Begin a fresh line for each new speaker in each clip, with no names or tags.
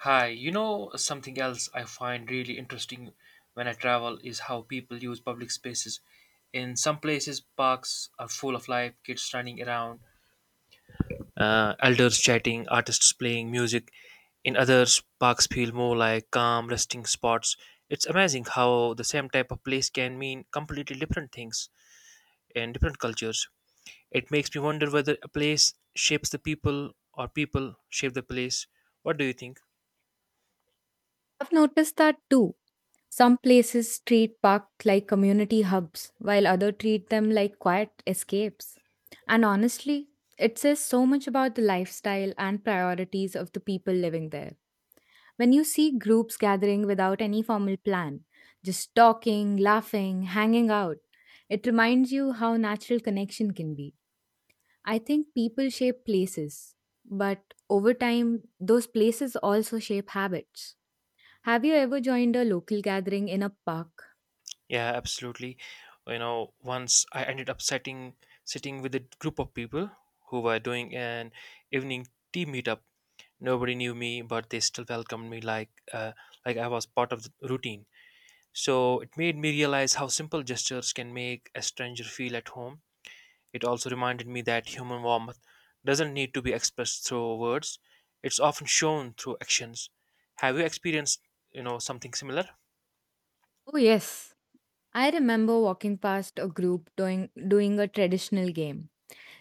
Hi, you know something else I find really interesting when I travel is how people use public spaces. In some places, parks are full of life, kids running around, elders chatting, artists playing music. In others, parks feel more like calm, resting spots. It's amazing how the same type of place can mean completely different things in different cultures. It makes me wonder whether a place shapes the people or people shape the place. What do you think?
I've noticed that too. Some places treat parks like community hubs, while others treat them like quiet escapes. And honestly, it says so much about the lifestyle and priorities of the people living there. When you see groups gathering without any formal plan, just talking, laughing, hanging out, it reminds you how natural connection can be. I think people shape places, but over time, those places also shape habits. Have you ever joined a local gathering in a park?
Yeah, absolutely. You know, once I ended up sitting with a group of people who were doing an evening tea meetup. Nobody knew me, but they still welcomed me like like I was part of the routine. So it made me realize how simple gestures can make a stranger feel at home. It also reminded me that human warmth doesn't need to be expressed through words. It's often shown through actions. Have you experienced, you know, something similar?
Oh yes. I remember walking past a group doing a traditional game.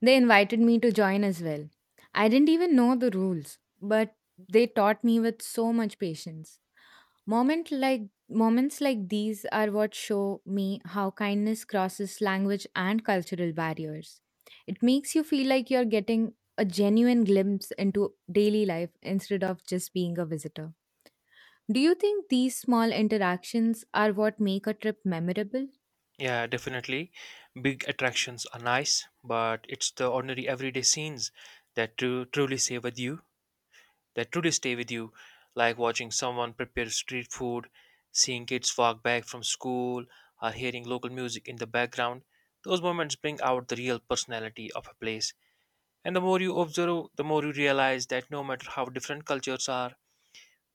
They invited me to join as well. I didn't even know the rules, but they taught me with so much patience. Moment like Moments like these are what show me how kindness crosses language and cultural barriers. It makes you feel like you're getting a genuine glimpse into daily life instead of just being a visitor. Do you think these small interactions are what make a trip memorable?
Yeah, definitely. Big attractions are nice, but it's the ordinary everyday scenes truly stay with you, that truly stay with you, like watching someone prepare street food, seeing kids walk back from school, or hearing local music in the background. Those moments bring out the real personality of a place. And the more you observe, the more you realize that no matter how different cultures are,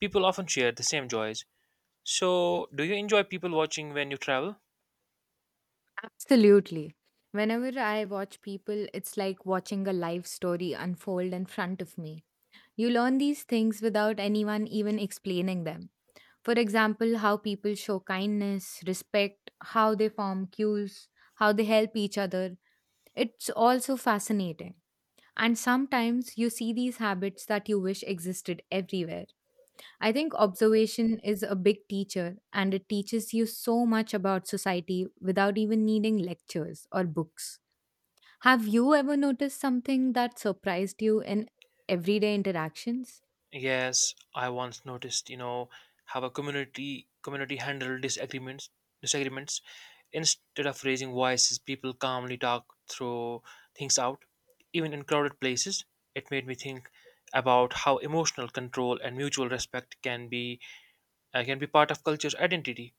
people often share the same joys. So, do you enjoy people watching when you travel?
Absolutely. Whenever I watch people, it's like watching a life story unfold in front of me. You learn these things without anyone even explaining them. For example, how people show kindness, respect, how they form queues, how they help each other. It's also fascinating. And sometimes you see these habits that you wish existed everywhere. I think observation is a big teacher and it teaches you so much about society without even needing lectures or books. Have you ever noticed something that surprised you in everyday interactions?
Yes, I once noticed, you know, how a community handled disagreements. Instead of raising voices, people calmly talk through things out. Even in crowded places, it made me think about how emotional control and mutual respect can be part of culture's identity.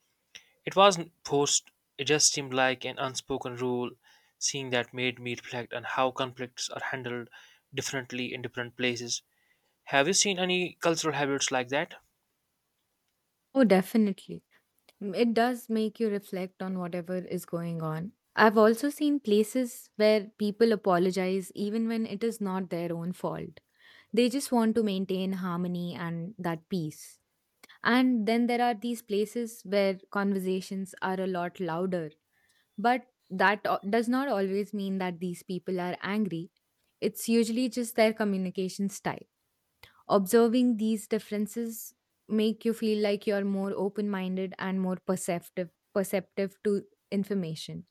It wasn't forced; it just seemed like an unspoken rule. Seeing that made me reflect on how conflicts are handled differently in different places. Have you seen any cultural habits like that?
Oh, definitely. Mm, it does make you reflect on whatever is going on. I've also seen places where people apologize even when it is not their own fault. They just want to maintain harmony and that peace. And then there are these places where conversations are a lot louder. But that does not always mean that these people are angry. It's usually just their communication style. Observing these differences make you feel like you're more open-minded and more perceptive to information.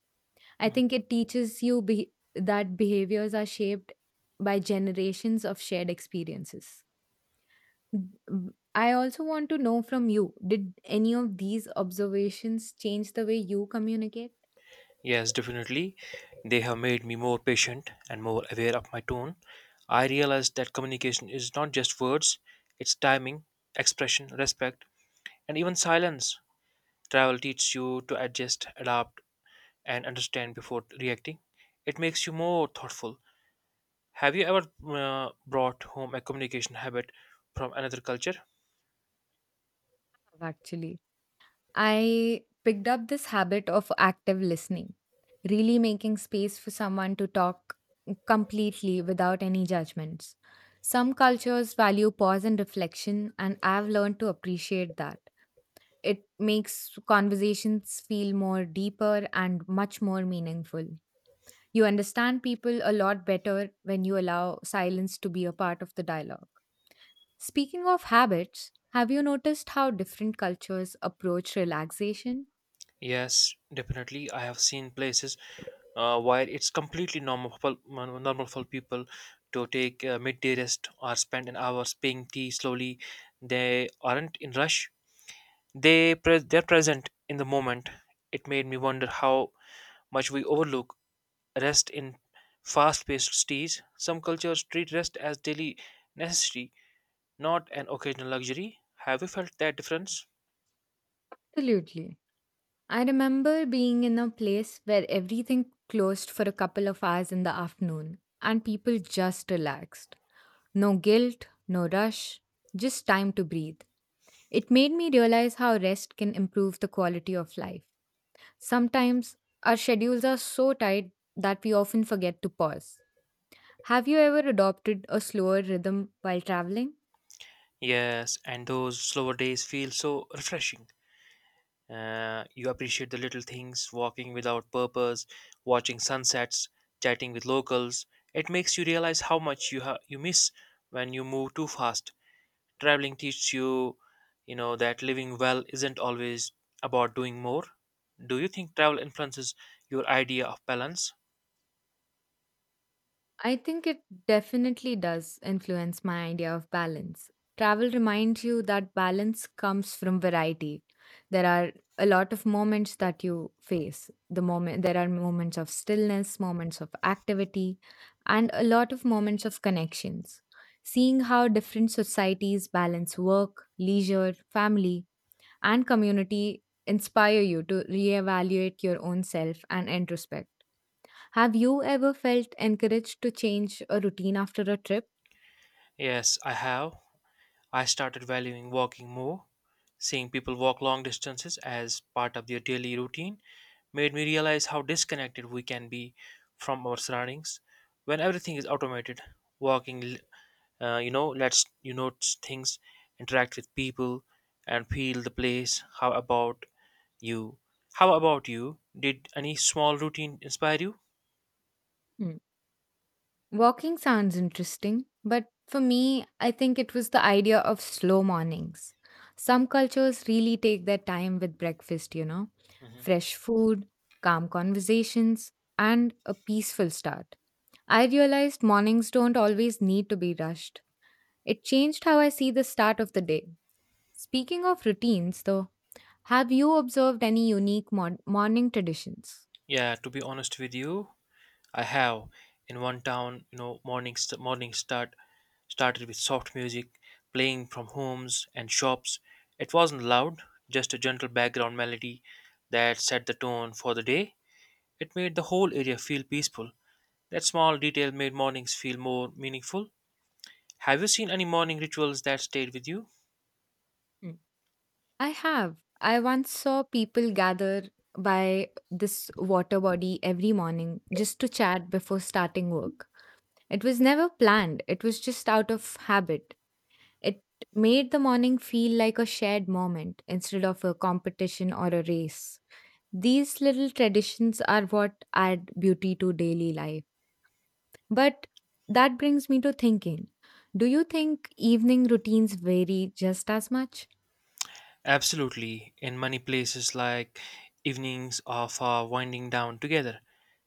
I
Mhm.
think it teaches you that behaviors are shaped by generations of shared experiences. Mm, I also want to know from you, did any of these observations change the way you communicate?
Yes, definitely. They have made me more patient and more aware of my tone. I realized that communication is not just words, it's timing, expression, respect, and even silence. Travel teaches you to adjust, adapt, and understand before reacting. It makes you more thoughtful. Have you ever brought home a communication habit from another culture?
Actually, I picked up this habit of active listening, really making space for someone to talk completely without any judgments. Some cultures value pause and reflection, and I've learned to appreciate that. It makes conversations feel more deeper and much more meaningful. You understand people a lot better when you allow silence to be a part of the dialogue. Speaking of habits, have you noticed how different cultures approach relaxation?
Yes, definitely. I have seen places where it's completely normal for people to take midday rest or spend an hour spilling tea slowly. They aren't in rush. They're present in the moment. It made me wonder how much we overlook rest in fast-paced cities. Some cultures treat rest as daily necessity, not an occasional luxury. Have you felt that difference?
Absolutely. I remember being in a place where everything closed for a couple of hours in the afternoon and people just relaxed. No guilt, no rush, just time to breathe. It made me realize how rest can improve the quality of life. Sometimes our schedules are so tight that we often forget to pause. Have you ever adopted a slower rhythm while traveling?
Yes, and those slower days feel so refreshing. You appreciate the little things, walking without purpose, watching sunsets, chatting with locals. It makes you realize how much you miss when you move too fast. Traveling teaches you, you know, that living well isn't always about doing more. Do you think travel influences your idea of balance?
I think it definitely does influence my idea of balance. Travel reminds you that balance comes from variety. There are a lot of moments that you face. There are moments of stillness, moments of activity, and a lot of moments of connections. Seeing how different societies balance work, leisure, family, and community inspire you to reevaluate your own self and introspect. Have you ever felt encouraged to change a routine after a trip?
Yes, I have. I started valuing walking more. Seeing people walk long distances as part of their daily routine made me realize how disconnected we can be from our surroundings when everything is automated. Walking, lets you notice things, interact with people, and feel the place. How about you? How about you? Did any small routine inspire you?
Hmm. Walking sounds interesting, but for me, I think it was the idea of slow mornings. Some cultures really take their time with breakfast, you know,
Mhm.
fresh food, calm conversations, and a peaceful start. I realized mornings don't always need to be rushed. It changed how I see the start of the day. Speaking of routines, though, have you observed any unique morning traditions?
Yeah, to be honest with you, I have. In one town, you know, morning started with soft music playing from homes and shops. It wasn't loud, just a gentle background melody that set the tone for the day. It made the whole area feel peaceful. That small detail made mornings feel more meaningful. Have you seen any morning rituals that stayed with you?
Mm. I have. I once saw people gather by this water body every morning just to chat before starting work. It was never planned, it was just out of habit. It made the morning feel like a shared moment instead of a competition or a race. These little traditions are what add beauty to daily life. But that brings me to thinking, do you think evening routines vary just as much?
Absolutely. In many places, like evenings of winding down together,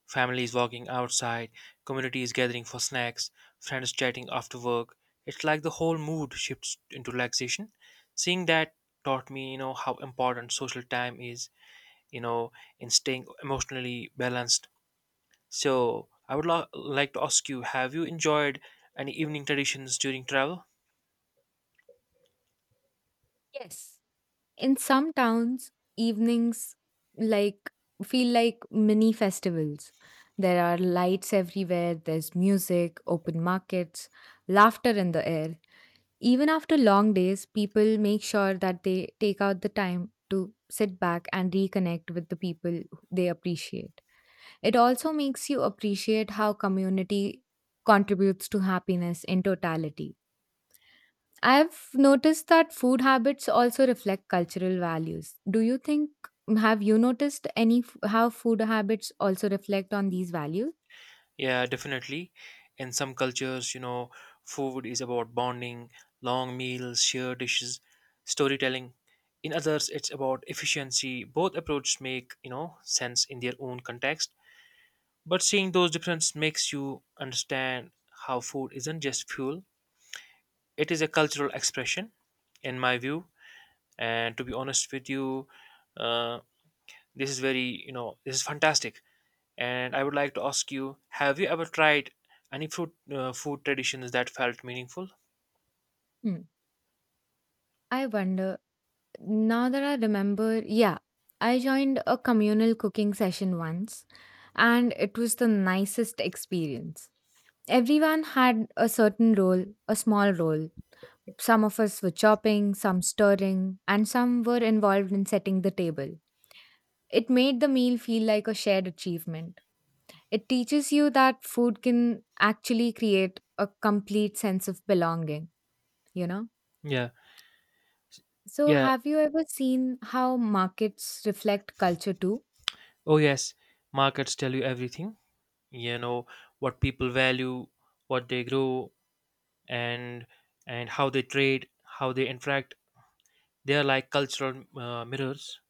families walking outside, communities gathering for snacks, friends chatting after work. It's like the whole mood shifts into relaxation. Seeing that taught me, you know, how important social time is, you know, in staying emotionally balanced. So, I would like to ask you, have you enjoyed any evening traditions during travel?
Yes. In some towns, evenings like feel like mini festivals. There are lights everywhere, there's music, open markets, laughter in the air. Even after long days, people make sure that they take out the time to sit back and reconnect with the people they appreciate. It also makes you appreciate how community contributes to happiness in totality. I've noticed that food habits also reflect cultural values. Do you think Have you noticed any how food habits also reflect on these values?
Yeah, definitely. In some cultures, you know, food is about bonding, long meals, shared dishes, storytelling. In others, it's about efficiency. Both approaches make, you know, sense in their own context. But seeing those differences makes you understand how food isn't just fuel, it is a cultural expression, in my view. And to be honest with you, uh, this is very, you know, this is fantastic and I would like to ask you, have you ever tried any food traditions that felt meaningful?
Hmm. I wonder. Now that I remember, yeah, I joined a communal cooking session once and it was the nicest experience. Everyone had a certain role, a small role. Some of us were chopping, some stirring, and some were involved in setting the table. It made the meal feel like a shared achievement. It teaches you that food can actually create a complete sense of belonging, you know?
Yeah,
So,
yeah.
have you ever seen how markets reflect culture too?
Oh yes, markets tell you everything. You know what people value, what they grow, and how they trade, how they interact. They are like cultural mirrors.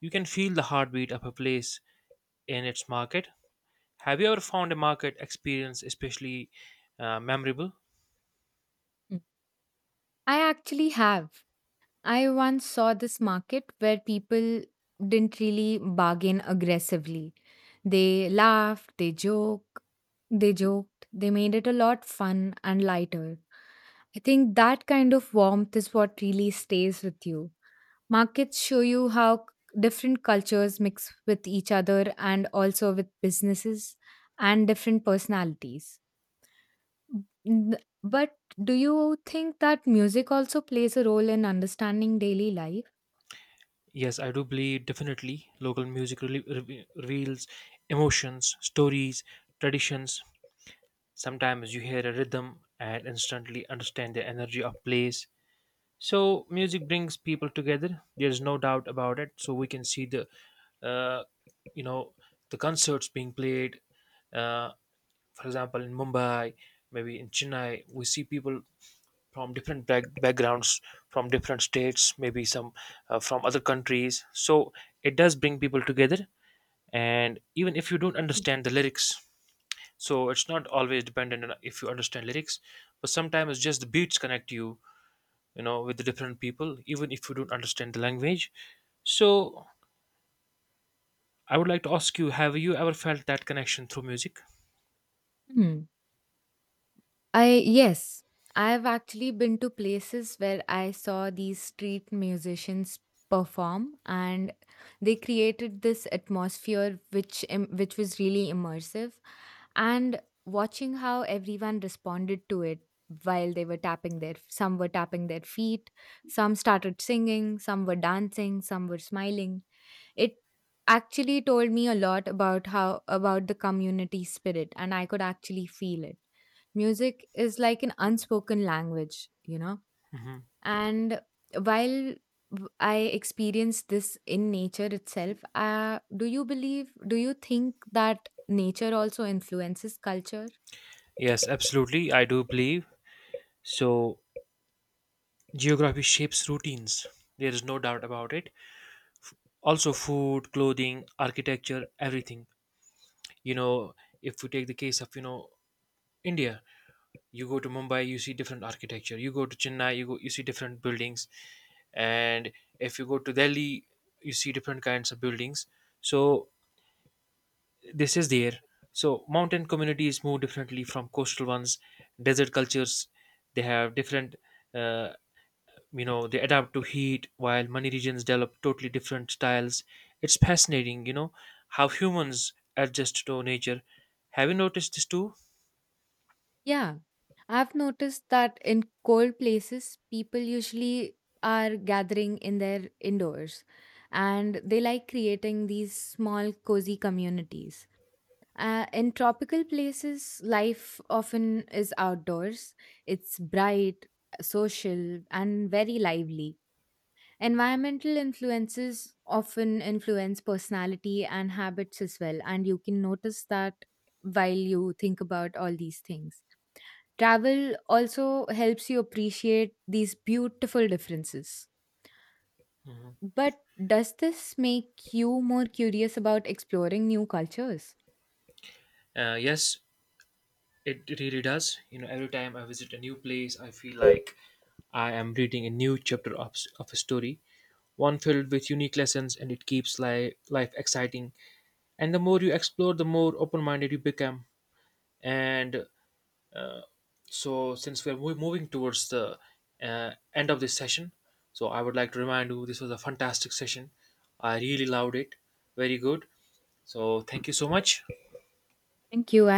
You can feel the heartbeat of a place in its market. Have you ever found a market experience especially memorable?
I actually have. I once saw this market where people didn't really bargain aggressively. They laughed, they joked, they made it a lot fun and lighter. I think that kind of warmth is what really stays with you. Markets show you how different cultures mix with each other and also with businesses and different personalities. N- But do you think that music also plays a role in understanding daily life?
Yes, I do believe, definitely local music really reveals emotions, stories, traditions. Sometimes you hear a rhythm and instantly understand the energy of place. So music brings people together. There's no doubt about it. So we can see uh, you know, the concerts being played. Uh, for example, in Mumbai, maybe in Chennai, we see people from different backgrounds, from different states, maybe some from other countries. So it does bring people together. And even if you don't understand the lyrics, so it's not always dependent on if you understand lyrics, but sometimes just the beats connect you, you know, with the different people even if you don't understand the language. So I would like to ask you, have you ever felt that connection through music?
Hmm. I Yes, I've actually been to places where I saw these street musicians perform, and they created this atmosphere which was really immersive. And watching how everyone responded to it, while they were tapping their some were tapping their feet, some started singing, some were dancing, some were smiling. It actually told me a lot about how about the community spirit and I could actually feel it. Music is like an unspoken language, you know.
Hmm.
And while I experienced this in nature itself. Do you believe, do you think that nature also influences culture?
Yes, absolutely, I do believe so. Geography shapes routines, there is no doubt about it. Also food, clothing, architecture, everything, you know. If we take the case of, you know, India, you go to Mumbai you see different architecture, you go to Chennai you go you see different buildings, and if you go to Delhi you see different kinds of buildings. So this is there. So mountain communities move differently from coastal ones. Desert cultures, they have different, uh, they adapt to heat, while many regions develop totally different styles. It's fascinating, you know, how humans adjust to nature. Have you noticed this too?
Yeah, I've noticed that in cold places, people usually are gathering in their indoors and they like creating these small, cozy communities. In tropical places, life often is outdoors. It's bright, social, and very lively. Environmental influences often influence personality and habits as well, and you can notice that while you think about all these things. Travel also helps you appreciate these beautiful differences. But does this make you more curious about exploring new cultures?
Yes, it really does. You know, every time I visit a new place, I feel like I am reading a new chapter of a story, one filled with unique lessons, and it keeps life exciting. And the more you explore, the more open minded you become. And so, since we're moving towards the end of this session, so I would like to remind you this was a fantastic session. I really loved it. Very good. So, thank you so much.
Thank you. I